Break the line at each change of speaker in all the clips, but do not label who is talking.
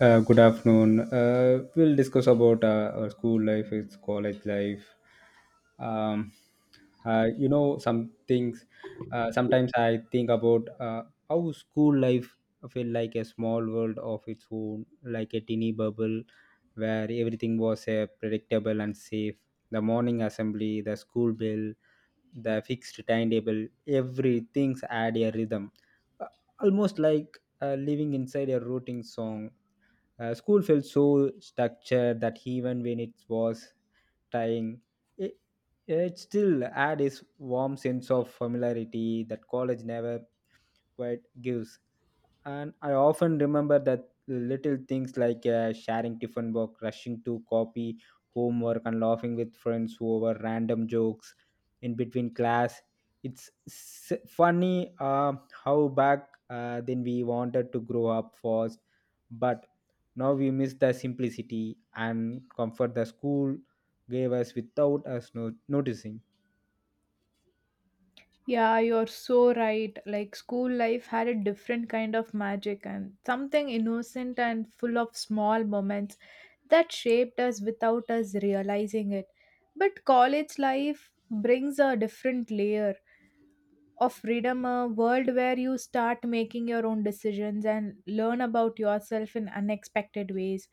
Good afternoon. We'll discuss about our school life, its college life. Um, some things. Sometimes I think about how school life felt like a small world of its own, like a teeny bubble where everything was predictable and safe. The morning assembly, the school bell, the fixed timetable, everything's had a rhythm, Uh, almost like living inside a rooting song. School felt so structured that even when it was trying, it, it still had its warm sense of familiarity that college never quite gives. And I often remember that little things like sharing tiffin box, rushing to copy homework, and laughing with friends over random jokes in between class. It's funny, how back then we wanted to grow up fast, but now we miss the simplicity and comfort the school gave us without us noticing.
Yeah, you're so right. Like school life had a different kind of magic and something innocent and full of small moments that shaped us without us realizing it. But college life brings a different layer of freedom, a world where you start making your own decisions and learn about yourself in unexpected ways.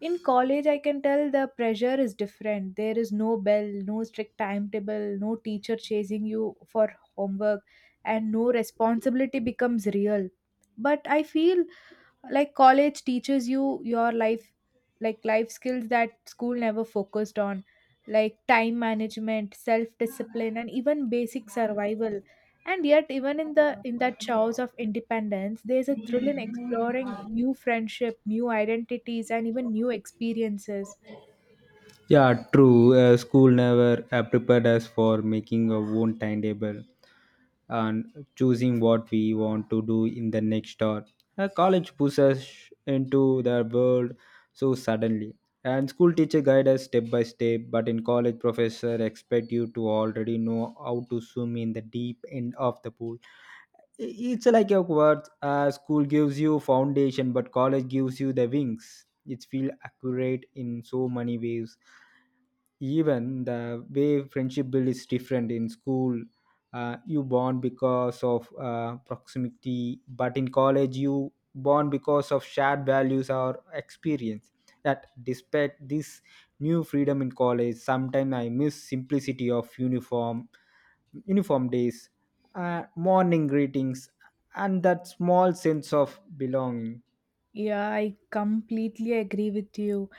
In college, I can tell the pressure is different. There is no bell, no strict timetable, no teacher chasing you for homework, and no responsibility becomes real. But I feel like college teaches you your life, like life skills that school never focused on, like time management, self discipline, and even basic survival. And yet, even in that chaos of independence, there's a thrill in exploring new friendship, new identities, and even new experiences.
Yeah, true. School never prepared us for making our own timetable and choosing what we want to do in the next hour. College pushes into the world so suddenly. And school teacher guide us step by step, but in college professor expect you to already know how to swim in the deep end of the pool. It's like a word. School gives you foundation, but college gives you the wings. It feel accurate in so many ways. Even the way friendship build is different in school. You bond because of proximity, but in college you bond because of shared values or experience. That, despite this new freedom in college, sometimes I miss simplicity of uniform days, morning greetings, and that small sense of belonging.
Yeah, I completely agree with you.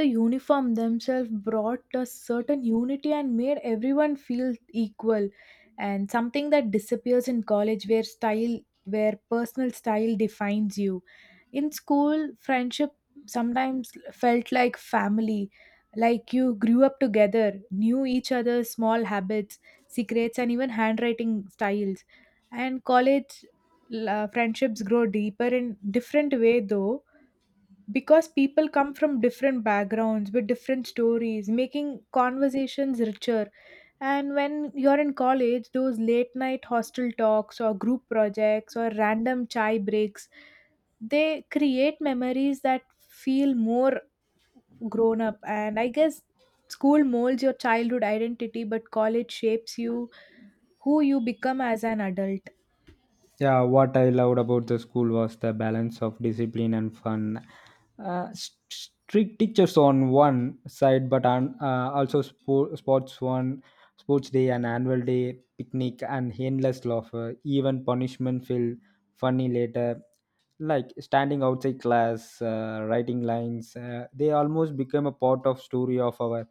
The uniform themselves brought a certain unity and made everyone feel equal, and something that disappears in college where personal style defines you. In school, friendship sometimes felt like family, like you grew up together, knew each other's small habits, secrets, and even handwriting styles. And college friendships grow deeper in different way though, because people come from different backgrounds with different stories making conversations richer. And when you're in college, those late night hostel talks or group projects or random chai breaks, they create memories that feel more grown up. And I guess school molds your childhood identity, but college shapes you who you become as an adult.
Yeah, what I loved about the school was the balance of discipline and fun. Strict teachers on one side, but on, also sports one, sports day and annual day, picnic and endless laughter. Even punishment feel funny later. Like standing outside class, writing lines, they almost became a part of story of our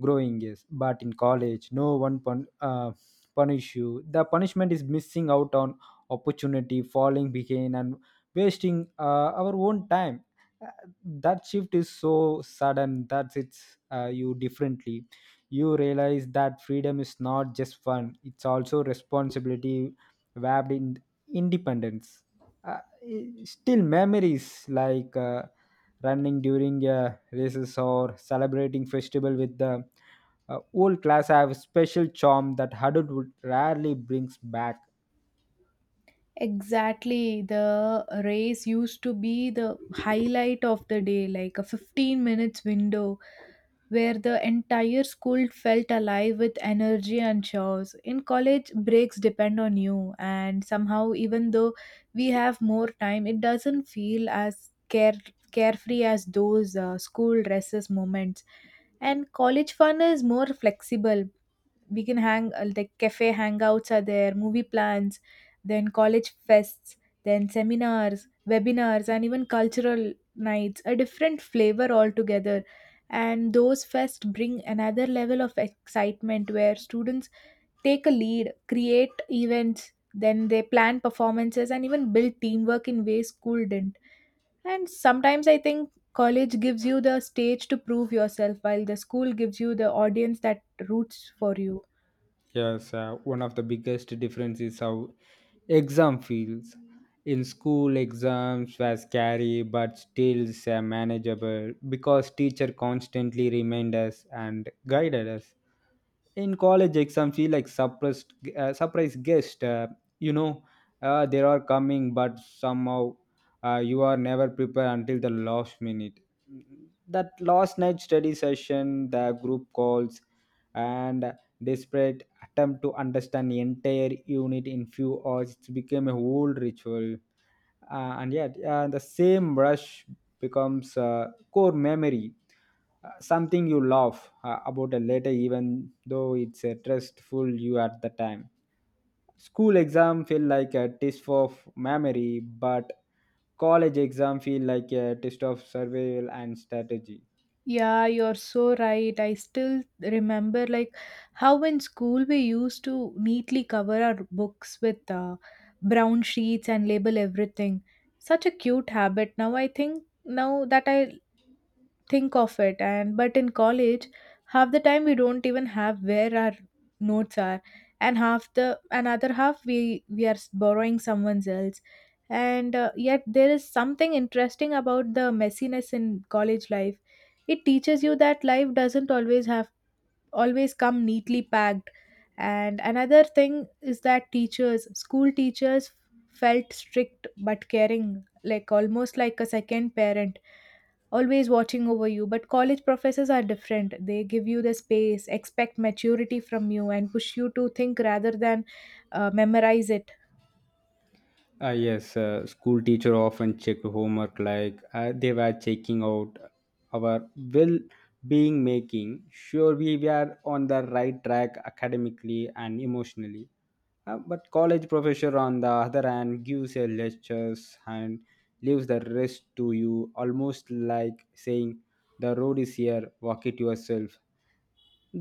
growing years. But in college, no one punish you. The punishment is missing out on opportunity, falling behind, and wasting our own time. Uh, That shift is so sudden that it's you differently. You realize that freedom is not just fun; it's also responsibility wrapped in independence. Still, memories like running during races or celebrating festival with the old class have a special charm that adulthood rarely brings back.
Exactly. The race used to be the highlight of the day, like a 15 minutes window where the entire school felt alive with energy and chores. In college, breaks depend on you, and somehow, even though we have more time, it doesn't feel as carefree as those school recess moments. And college fun is more flexible. We can hang like cafe hangouts are there, movie plans, then college fests, then seminars, webinars, and even cultural nights, a different flavor altogether. And those fests bring another level of excitement where students take a lead, create events, then they plan performances and even build teamwork in ways school didn't. And sometimes I think college gives you the stage to prove yourself while the school gives you the audience that roots for you.
Yes, one of the biggest difference is how exam feels. In school, exams were scary but still manageable because teacher constantly remind us and guided us. In college exam feel like suppressed surprise guest. You know they are coming, but somehow you are never prepared until the last minute. That last night study session, the group calls, and desperate attempt to understand the entire unit in few hours, it became a whole ritual. And yet, the same rush becomes a core memory, something you laugh about a later, even though it's a stressful you at the time. School exam feel like a test of memory, but college exam feel like a test of survival and strategy.
Yeah, you're so right. I still remember like how in school we used to neatly cover our books with brown sheets and label everything. Such a cute habit. Now that I think of it. And but in college, half the time we don't even have where our notes are, and half the another half we are borrowing someone else. And yet there is something interesting about the messiness in college life. It teaches you that life doesn't always come neatly packed. And another thing is that teachers school teachers felt strict but caring, like almost like a second parent, always watching over you. But college professors are different. They give you the space, expect maturity from you, and push you to think rather than memorize it.
Yes, school teacher often checked homework like they were checking out our well being, making sure we were on the right track academically and emotionally. But college professor, on the other hand, gives a lectures and leaves the rest to you, almost like saying, the road is here, walk it yourself.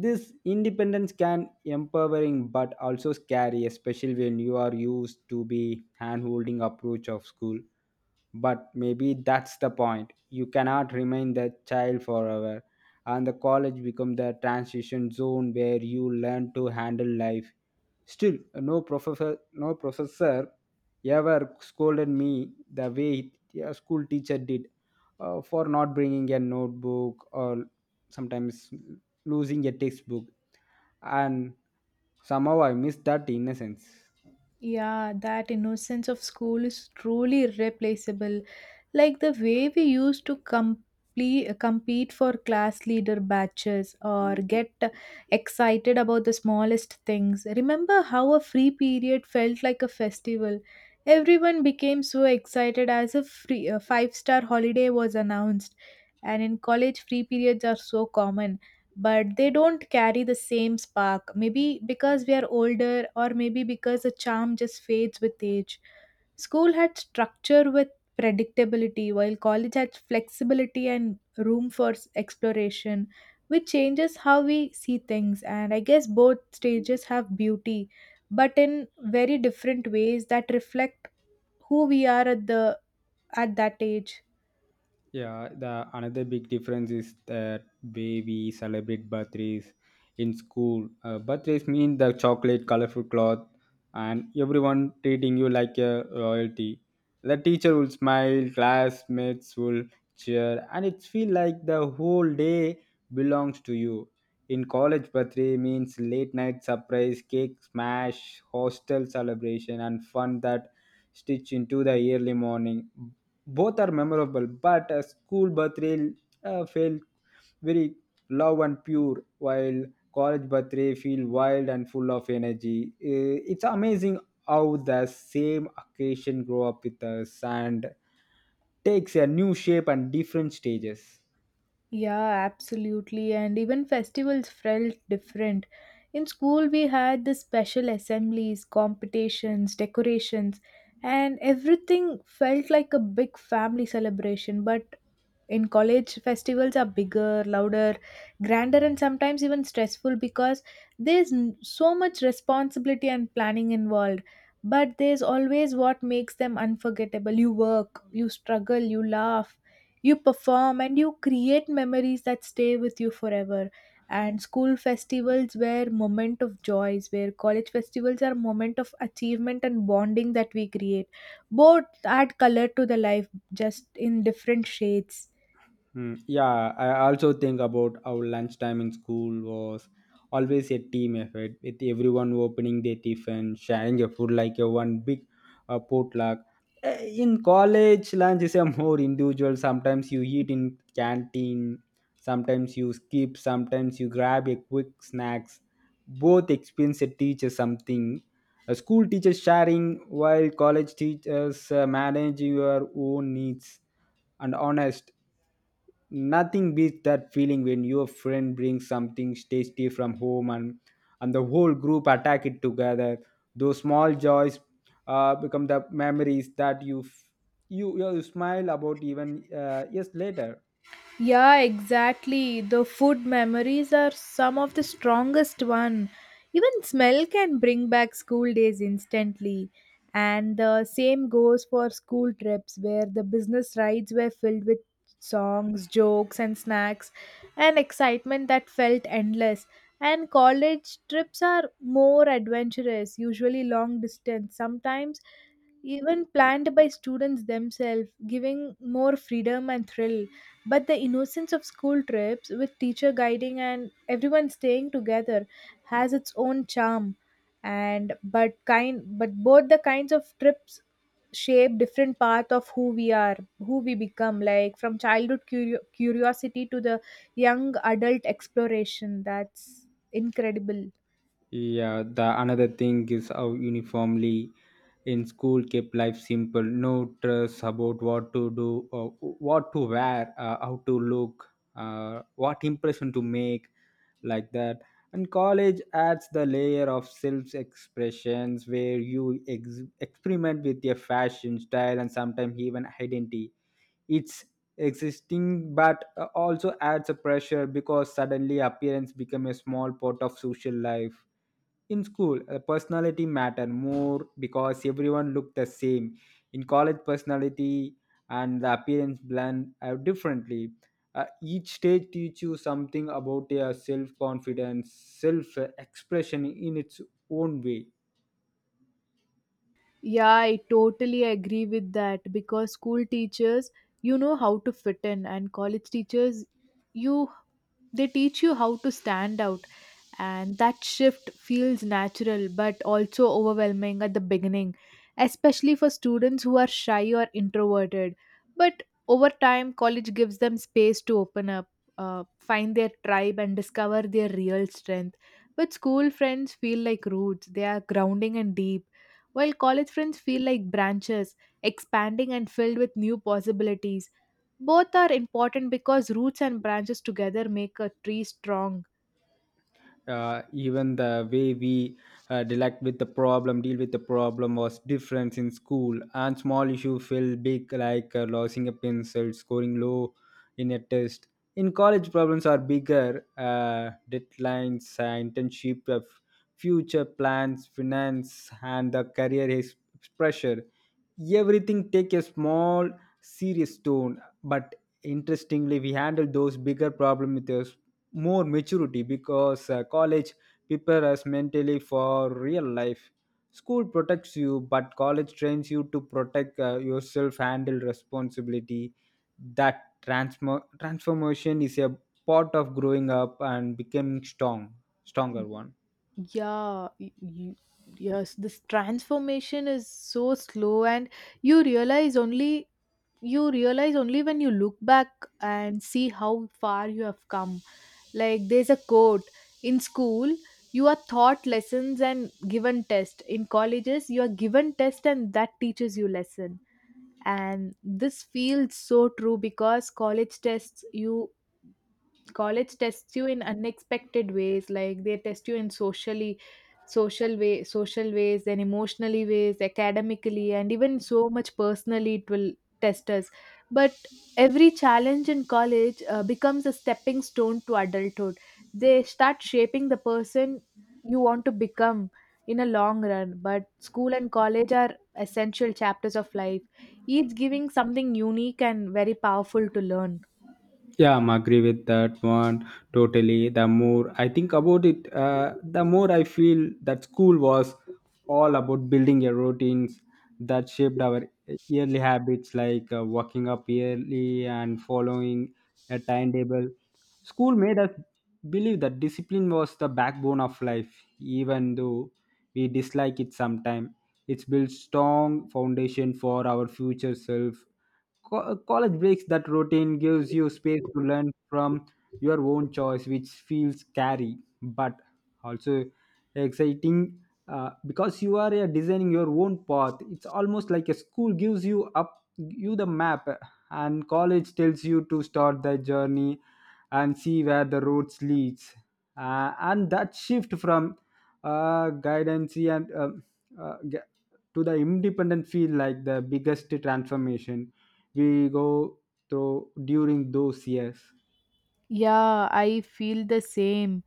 This independence can empowering but also scary, especially when you are used to be hand holding approach of school. But maybe that's the point. You cannot remain the child forever. And the college become the transition zone where you learn to handle life. Still, no professor ever scolded me the way a school teacher did, for not bringing a notebook or sometimes losing a textbook. And somehow I miss that innocence.
Yeah, that innocence of school is truly irreplaceable. Like the way we used to compete for class leader batches or get excited about the smallest things. Remember how a free period felt like a festival? Everyone became so excited as a five-star holiday was announced. And in college, free periods are so common, but they don't carry the same spark, maybe because we are older or maybe because the charm just fades with age. School had structure with predictability, while college had flexibility and room for exploration, which changes how we see things. And I guess both stages have beauty, but in very different ways that reflect who we are at that age.
Yeah, the another big difference is that way we celebrate birthdays in school. Birthdays mean the chocolate, colorful cloth, and everyone treating you like a royalty. The teacher will smile, classmates will cheer, and it feel like the whole day belongs to you. In college, birthday means late night surprise, cake smash, hostel celebration, and fun that stitch into the early morning. Both are memorable, but a school birthday felt very low and pure, while college birthday feel wild and full of energy. It's amazing how the same occasion grow up with us and takes a new shape and different stages.
Yeah, absolutely. And even festivals felt different. In school, we had the special assemblies, competitions, decorations, and everything felt like a big family celebration. But in college, festivals are bigger, louder, grander, and sometimes even stressful because there's so much responsibility and planning involved. But there's always what makes them unforgettable. You work, you struggle, you laugh, you perform, and you create memories that stay with you forever. And school festivals were moment of joys where college festivals are moment of achievement and bonding that we create. Both add color to the life, just in different shades.
Hmm, yeah, I also think about how lunchtime in school was always a team effort, with everyone opening their tiffin, sharing a food like a one big potluck. In college, lunch is a more individual. Sometimes you eat in canteen, sometimes you skip, sometimes you grab a quick snacks. Both experience teaches something. A school teaches sharing, while college teaches manage your own needs and honest. Nothing beats that feeling when your friend brings something tasty from home and the whole group attack it together. Those small joys become the memories that you f- you smile about even years later.
Yeah, exactly. The food memories are some of the strongest one. Even smell can bring back school days instantly. And the same goes for school trips, where the business rides were filled with songs, jokes, and snacks and excitement that felt endless. And college trips are more adventurous, usually long distance, sometimes even planned by students themselves, giving more freedom and thrill. But the innocence of school trips, with teacher guiding and everyone staying together, has its own charm. But both the kinds of trips shape different path of who we are, who we become. Like from childhood curiosity to the young adult exploration. That's incredible.
Yeah, the another thing is how uniformly in school kept life simple. No stress about what to do, or what to wear, how to look, what impression to make, like that. And college adds the layer of self-expressions where you experiment with your fashion style and sometimes even identity. It's existing but also adds a pressure because suddenly appearance become a small part of social life. In school, personality matter more because everyone looked the same. In college personality and the appearance blend out differently. Each stage teach you something about your self confidence self expression in its own way.
Yeah, I totally agree with that because school teachers, you know how to fit in, and college teachers, you they teach you how to stand out. And that shift feels natural but also overwhelming at the beginning, especially for students who are shy or introverted. But over time, college gives them space to open up, find their tribe, and discover their real strength. But school friends feel like roots, they are grounding and deep, while college friends feel like branches, expanding and filled with new possibilities. Both are important because roots and branches together make a tree strong.
Even the way we dealt with the problem deal with the problem was different in school, and small issue felt big, like losing a pencil, scoring low in a test. In college problems are bigger, deadlines, internship, future plans, finance, and the career is pressure. Everything take a small serious tone, but interestingly we handle those bigger problems with us more maturity because college prepares us mentally for real life. School protects you, but college trains you to protect yourself, handle responsibility. That transformation is a part of growing up and becoming stronger one.
Yeah y- you, yes this transformation is so slow and you realize only you realize only when you look back and see how far you have come. Like there's a quote: in school you are taught lessons and given test, in colleges you are given test and that teaches you lesson. And this feels so true because college tests you in unexpected ways, like they test you in socially social way social ways and emotionally ways, academically, and even so much personally it will test us. But every challenge in college becomes a stepping stone to adulthood. They start shaping the person you want to become in a long run. But school and college are essential chapters of life, each giving something unique and very powerful to learn.
Yeah, I'm agree with that one totally. The more I think about it, the more I feel that school was all about building your routines that shaped our yearly habits, like waking up early and following a timetable. School made us believe that discipline was the backbone of life, even though we dislike it sometimes. It's built strong foundation for our future self. College breaks that routine, gives you space to learn from your own choice, which feels scary but also exciting, because you are designing your own path. It's almost like a school gives you the map and college tells you to start the journey and see where the roads leads. And that shift from guidance and uh, gu- to the independent feel like the biggest transformation we go through during those years.
Yeah, I feel the same.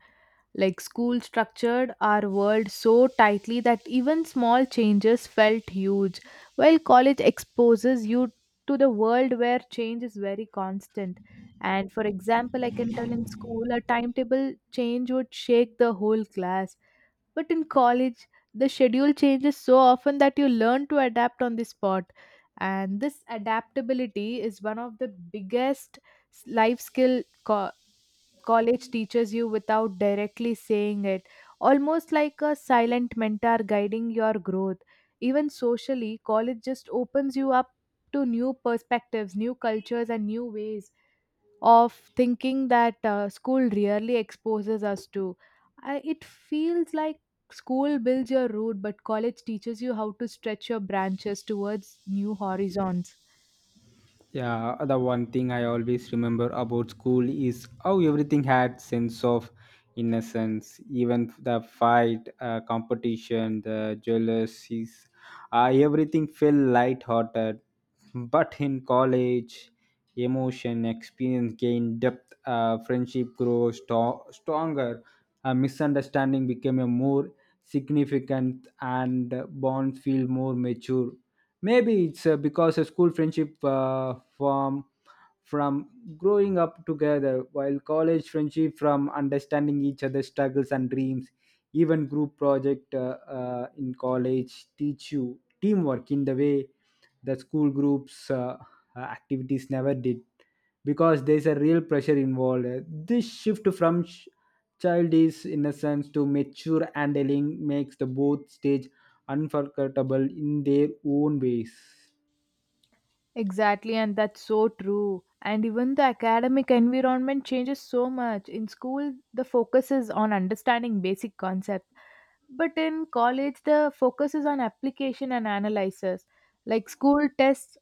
Like school structured our world so tightly that even small changes felt huge, while college exposes you to the world where change is very constant. And for example, I can tell, in school a timetable change would shake the whole class. But in college, the schedule changes so often that you learn to adapt on the spot. And this adaptability is one of the biggest life skill college teaches you without directly saying it, almost like a silent mentor guiding your growth. Even socially, college just opens you up to new perspectives, new cultures, and new ways of thinking that school rarely exposes us to. It feels like school builds your road, but college teaches you how to stretch your branches towards new horizons.
Yeah, the one thing I always remember about school is how everything had sense of innocence, even the fight, competition, the jealousies, everything felt light-hearted. But in college, emotion, experience gained depth, friendship grows stronger, misunderstanding became a more significant, and bonds feel more mature. Maybe it's because a school friendship form from growing up together, while college friendship from understanding each other's struggles and dreams. Even group project in college teach you teamwork in the way the school groups activities never did because there's a real pressure involved. This shift from childish innocence to mature handling makes the both stage unforgettable in their own ways.
Exactly, and that's so true. And even the academic environment changes so much. In school, the focus is on understanding basic concepts, but in college, the focus is on application and analysis. Like school tests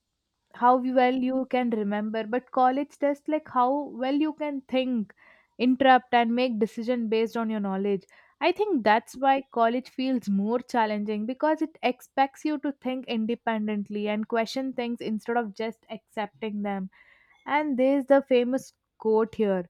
how well you can remember, but college tests like how well you can think, interrupt, and make decision based on your knowledge. I think that's why college feels more challenging, because it expects you to think independently and question things instead of just accepting them. And there's the famous quote here: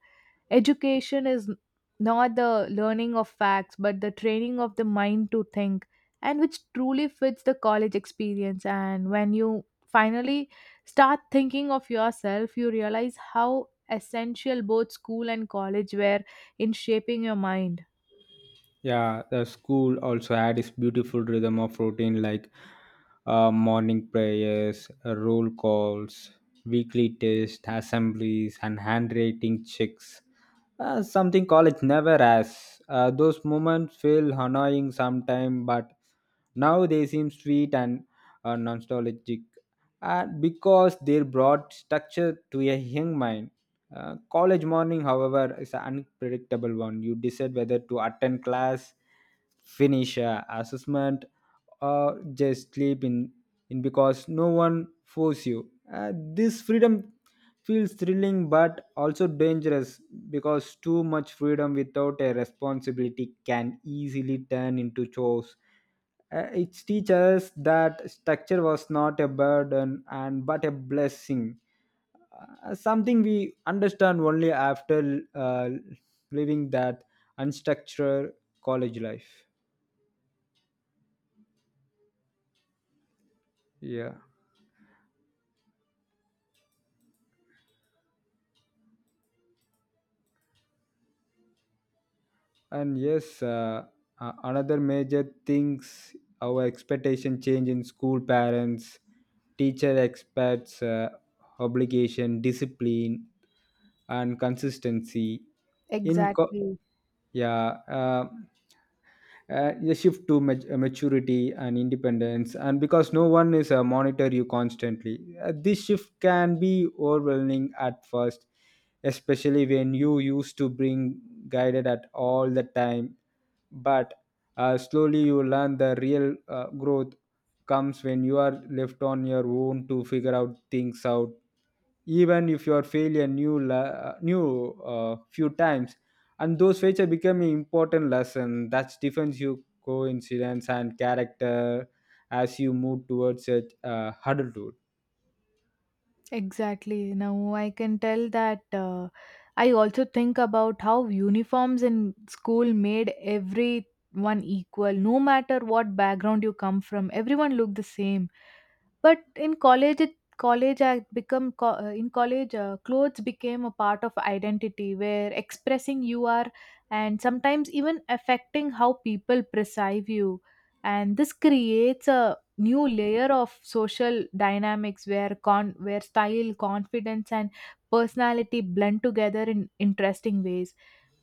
Education is not the learning of facts, but the training of the mind to think, and which truly fits the college experience. And when you finally start thinking of yourself, you realize how essential both school and college were in shaping your mind.
Yeah, the school also had its beautiful rhythm of routine, like morning prayers, roll calls, weekly tests, assemblies, and handwriting checks. Something college never has. Those moments feel annoying sometimes, but now they seem sweet and nostalgic, because they brought structure to a young mind. College morning, however, is an unpredictable one. You decide whether to attend class, finish assessment, or just sleep in because no one force you. This freedom feels thrilling but also dangerous because too much freedom without a responsibility can easily turn into chores. It teaches us that structure was not a burden and but a blessing, something we understand only after living that unstructured college life, yeah. And yes, another major things, our expectation change in school, parents teacher expects obligation, discipline, and consistency in co-
Exactly.
yeah. A shift to maturity and independence, and because no one is monitor you constantly. This shift can be overwhelming at first, especially when you used to bring guided at all the time, but slowly you learn the real growth comes when you are left on your own to figure out things out, even if you are failure new few times. And those features become an important lesson that defines your coincidence and character as you move towards a adulthood.
Exactly. Now I can tell that I also think about how uniforms in school made everyone equal. No matter what background you come from, everyone looked the same. But in college, it college I become co- in college, clothes became a part of identity where expressing you are and sometimes even affecting how people perceive you. And this creates a new layer of social dynamics where con where style, confidence, and personality blend together in interesting ways.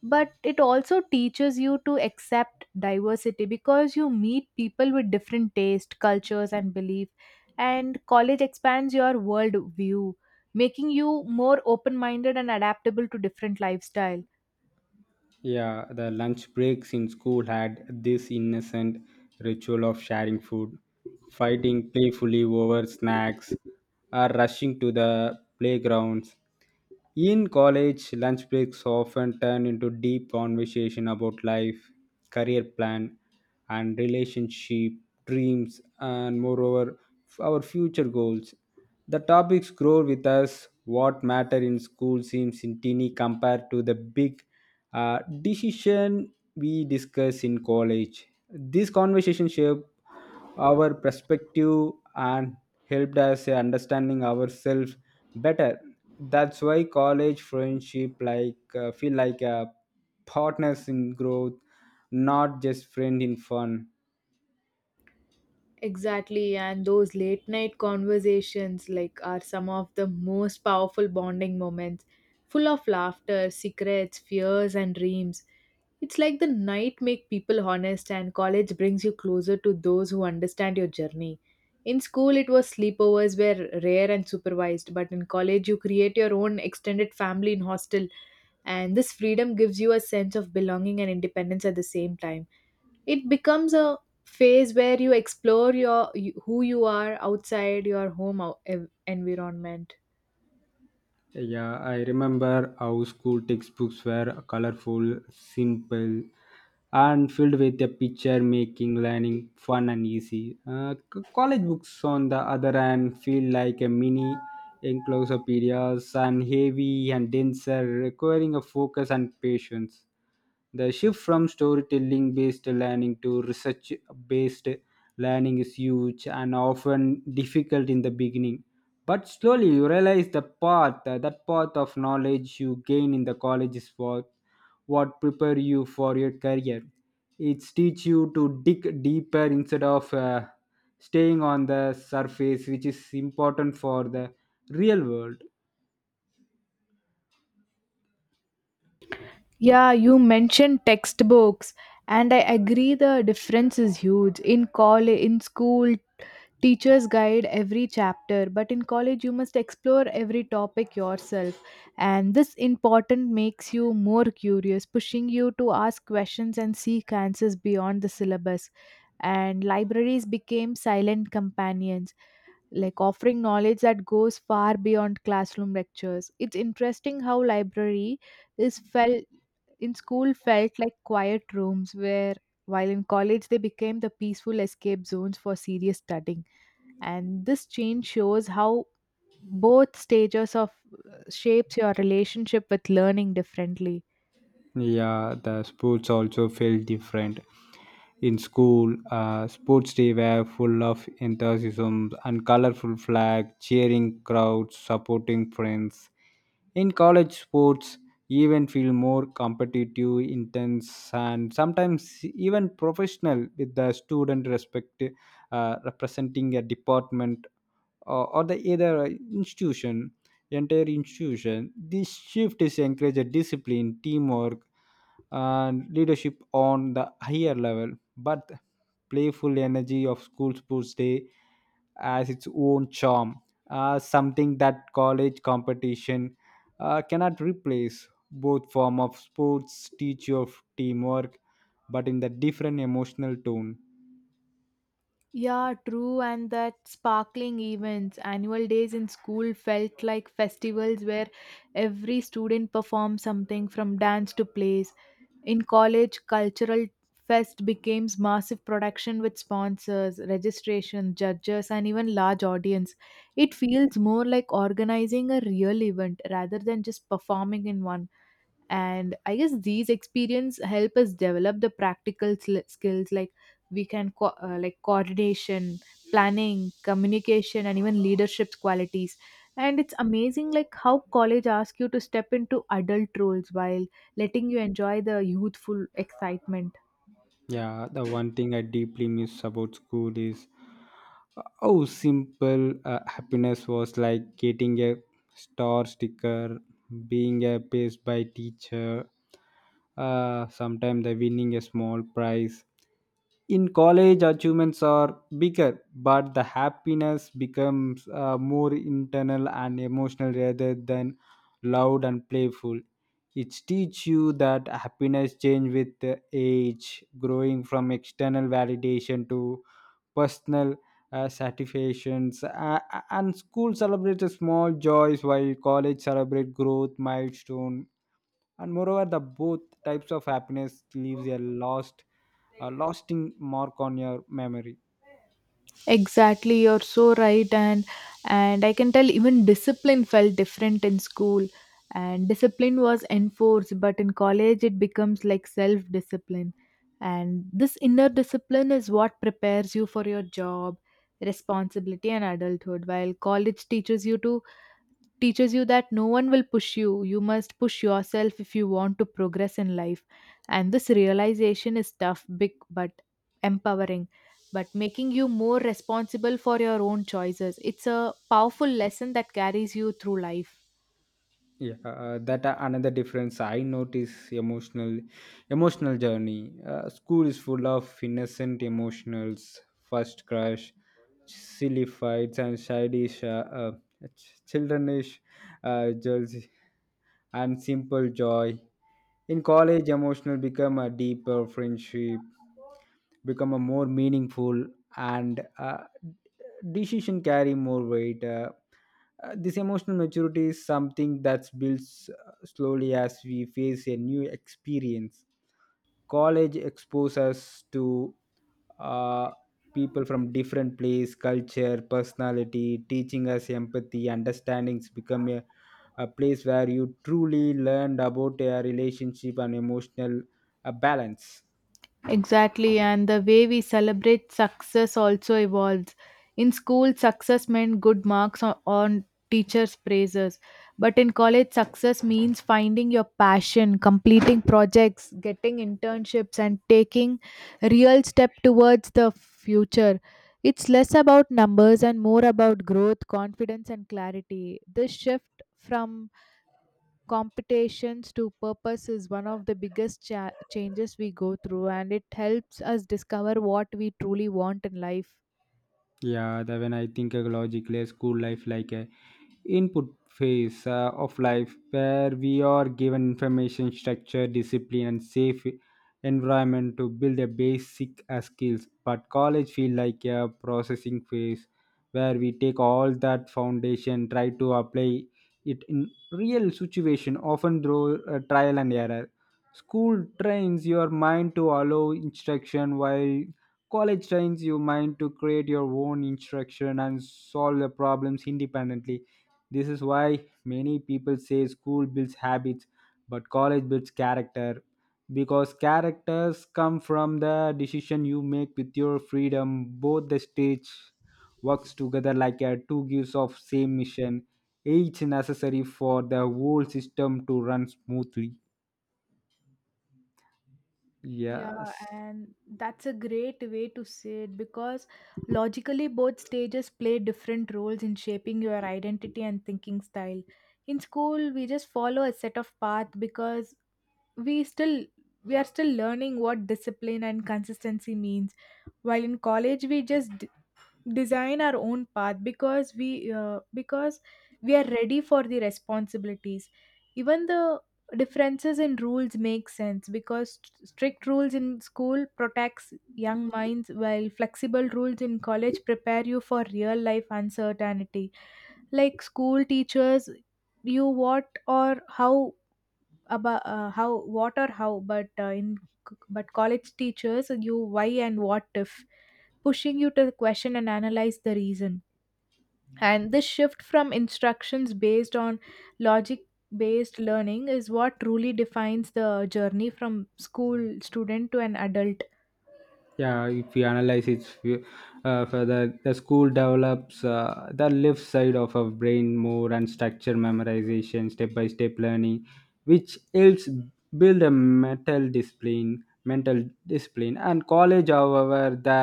But it also teaches you to accept diversity because you meet people with different taste, cultures, and belief. And college expands your world view, making you more open minded and adaptable to different lifestyles.
Yeah, the lunch breaks in school had this innocent ritual of sharing food, fighting playfully over snacks, or rushing to the playgrounds. In college, lunch breaks often turn into deep conversation about life, career plan, and relationship, dreams, and moreover, our future goals. The topics grow with us. What matter in school seems in teeny compared to the big decision we discuss in college. This conversation shaped our perspective and helped us understanding ourselves better. That's why college friendship feel like a partners in growth, not just friend in fun.
Exactly, and those late night conversations like are some of the most powerful bonding moments, full of laughter, secrets, fears, and dreams. It's like the night make people honest, and college brings you closer to those who understand your journey. In school it was sleepovers were rare and supervised, but in college you create your own extended family in hostel, and this freedom gives you a sense of belonging and independence at the same time. It becomes a phase where you explore your who you are outside your home environment.
Yeah, I remember how school textbooks were colorful, simple, and filled with a picture, making learning fun and easy. College books, on the other hand, feel like a mini encyclopedias and heavy and denser, requiring a focus and patience. The shift from storytelling based learning to research based learning is huge and often difficult in the beginning, but slowly you realize that path of knowledge you gain in the college is what prepare you for your career. It teach you to dig deeper instead of staying on the surface, which is important for the real world.
Yeah, you mentioned textbooks, and I agree the difference is huge in college. In school teachers guide every chapter, but in college you must explore every topic yourself. And this important makes you more curious, pushing you to ask questions and seek answers beyond the syllabus. And libraries became silent companions, like offering knowledge that goes far beyond classroom lectures. It's interesting how library is felt in school felt like quiet rooms where, while in college they became the peaceful escape zones for serious studying. And this change shows how both stages of shapes your relationship with learning differently.
Yeah, the sports also felt different. In school, sports day were full of enthusiasm and colorful flag, cheering crowds, supporting friends. In college sports, even feel more competitive, intense, and sometimes even professional with the student respect representing a department, or the either institution entire institution. This shift is encouraged discipline, teamwork, and leadership on the higher level. But playful energy of school sports day has its own charm, something that college competition cannot replace. Both form of sports teach you of teamwork, but in the different emotional tone.
Yeah, true, and that sparkling events, annual days in school felt like festivals where every student performed something from dance to plays. In college cultural fest became massive production with sponsors, registration, judges, and even large audience. It feels more like organizing a real event rather than just performing in one. And I guess these experience help us develop the practical skills like like coordination, planning, communication, and even leadership qualities. And it's amazing like how college asks you to step into adult roles while letting you enjoy the youthful excitement.
Yeah, the one thing I deeply miss about school is, oh, simple happiness was like getting a star sticker, being praised by teacher, sometimes the winning a small prize. In college, achievements are bigger, but the happiness becomes more internal and emotional rather than loud and playful. It teaches you that happiness change with the age, growing from external validation to personal satisfactions. And school celebrates the small joys while college celebrates growth milestone. And moreover, the both types of happiness leaves a lasting mark on your memory.
Exactly, you're so right, and I can tell even discipline felt different in school, and discipline was enforced, but in college it becomes like self-discipline, and this inner discipline is what prepares you for your job, responsibility, and adulthood. While college teaches you to teaches you that no one will push you. You must push yourself if you want to progress in life. And this realization is tough, big, but empowering, but making you more responsible for your own choices. It's a powerful lesson that carries you through life.
Yeah, another difference I notice, emotional journey. School is full of innocent emotionals, first crush, silly fights, and childish childrenish jealousy and simple joy. In college emotional become a deeper friendship, become a more meaningful, and decision carry more weight. This emotional maturity is something that builds slowly as we face a new experience. College exposes us to uh, people from different place, culture, personality, teaching us empathy, understandings become a place where you truly learned about a relationship and emotional balance.
Exactly, and the way we celebrate success also evolves. In school, success meant good marks on teachers' praises. But in college, success means finding your passion, completing projects, getting internships, and taking real step towards the future. It's less about numbers and more about growth, confidence, and clarity. This shift from competitions to purpose is one of the biggest changes we go through, and it helps us discover what we truly want in life.
Yeah, that when I think logically, school life like a input phase of life where we are given information, structure, discipline, and safe environment to build a basic skills, but college feel like a processing phase where we take all that foundation, try to apply it in real situation, often through trial and error. School trains your mind to allow instruction, while college trains your mind to create your own instruction and solve the problems independently. This is why many people say school builds habits, but college builds character. Because characters come from the decision you make with your freedom. Both the stage works together like a two gears of same mission, each necessary for the whole system to run smoothly.
Yeah,
Yes.
and that's a great way to say it because logically, both stages play different roles in shaping your identity and thinking style. In school, we just follow a set of path because we still we are still learning what discipline and consistency means. While in college, we just design our own path because we are ready for the responsibilities. Even the differences in rules make sense because strict rules in school protects young minds while flexible rules in college prepare you for real life uncertainty. Like school teachers you what or how, but college teachers you why and what if, pushing you to question and analyze the reason. And this shift from instructions based on logic based learning is what truly defines the journey from school student to an adult.
Yeah, if you analyze it further, the school develops the left side of our brain more and structure memorization, step by step learning, which helps build a mental discipline. And college, however, the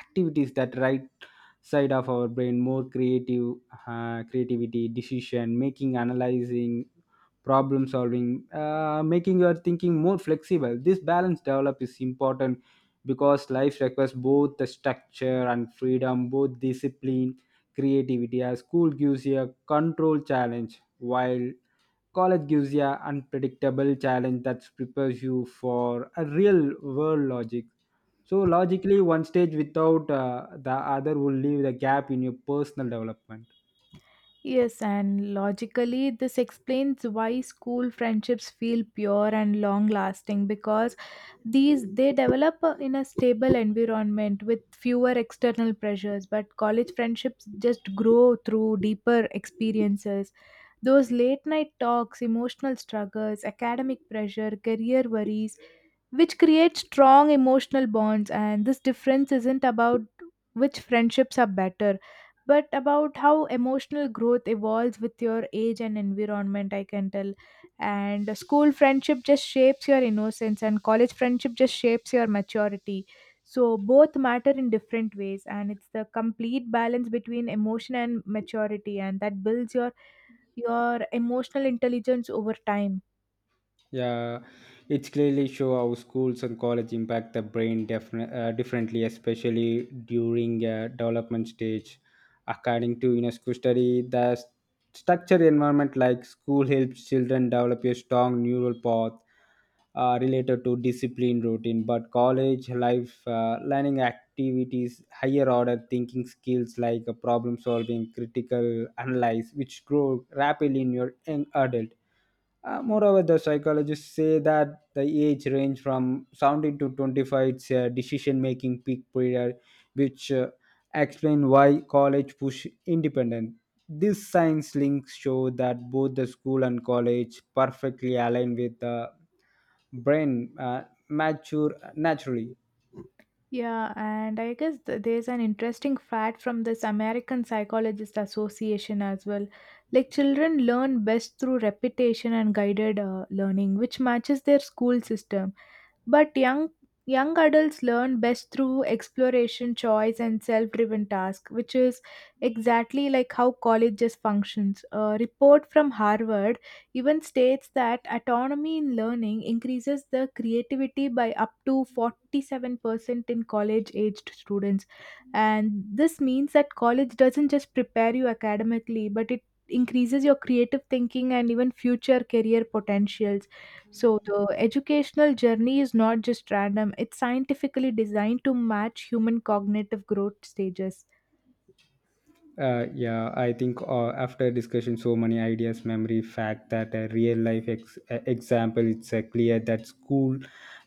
activities that right side of our brain more creative, creativity, decision making, analyzing, problem solving, making your thinking more flexible. This balance develop is important because life requires both the structure and freedom, both discipline, creativity. As school gives you a control challenge, while college gives you an unpredictable challenge that prepares you for a real world logic. So logically, one stage without the other will leave the gap in your personal development.
Yes, and logically, this explains why school friendships feel pure and long lasting because these they develop in a stable environment with fewer external pressures, but college friendships just grow through deeper experiences, those late night talks, emotional struggles, academic pressure, career worries, which creates strong emotional bonds. And this difference isn't about which friendships are better, but about how emotional growth evolves with your age and environment, I can tell. And the school friendship just shapes your innocence, and college friendship just shapes your maturity. So, both matter in different ways, and it's the complete balance between emotion and maturity, and that builds your emotional intelligence over time.
Yeah, it's clearly show how schools and college impact the brain differently, especially during a development stage. According to UNESCO study, the structured environment like school helps children develop a strong neural path related to discipline routine, but college life learning activities, higher order thinking skills like problem solving, critical analyze, which grow rapidly in your young adult. Moreover, the psychologists say that the age range from 17 to 25 is a decision-making peak period, which explain why college push independent. These science links show that both the school and college perfectly align with the brain mature naturally.
Yeah, and I guess there's an interesting fact from this American Psychologist Association as well. Like children learn best through repetition and guided learning, which matches their school system. But young adults learn best through exploration, choice, and self-driven task, which is exactly like how colleges functions. A report from Harvard even states that autonomy in learning increases the creativity by up to 47% in college-aged students. And this means that college doesn't just prepare you academically, but it increases your creative thinking and even future career potentials. So the educational journey is not just random, it's scientifically designed to match human cognitive growth stages.
Yeah, I think after discussion, so many ideas, memory, fact that a real life example, it's clear that school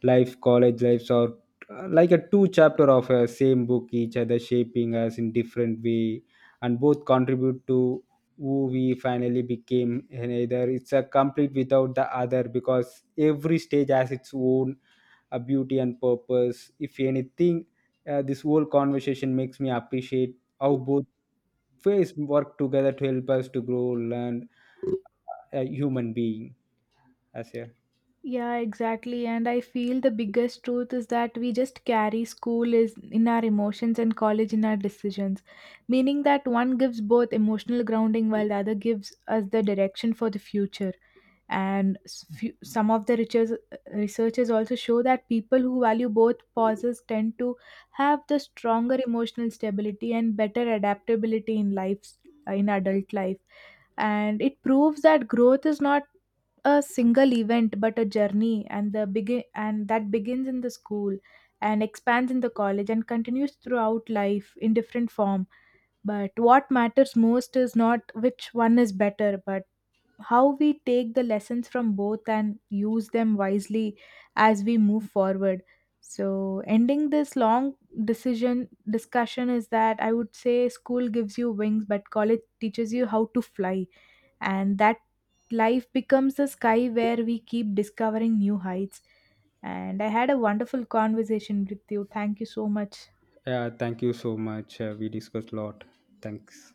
life, college lives are like a two chapter of a same book, each other shaping us in different way, and both contribute to who we finally became. And either it's a complete without the other because every stage has its own beauty and purpose. If anything, this whole conversation makes me appreciate how both ways work together to help us to grow, learn, a human being as a.
Yeah, exactly. And I feel the biggest truth is that we just carry school is in our emotions and college in our decisions, meaning that one gives both emotional grounding while the other gives us the direction for the future. And some of the researchers also show that people who value both pauses tend to have the stronger emotional stability and better adaptability in life, in adult life. And it proves that growth is not a single event but a journey, and the begin and that begins in the school and expands in the college and continues throughout life in different form. But what matters most is not which one is better, but how we take the lessons from both and use them wisely as we move forward. So ending this long decision discussion is that I would say school gives you wings but college teaches you how to fly. And that life becomes a sky where we keep discovering new heights. And I had a wonderful conversation with you. Thank you so much.
Yeah, thank you so much, we discussed a lot. Thanks.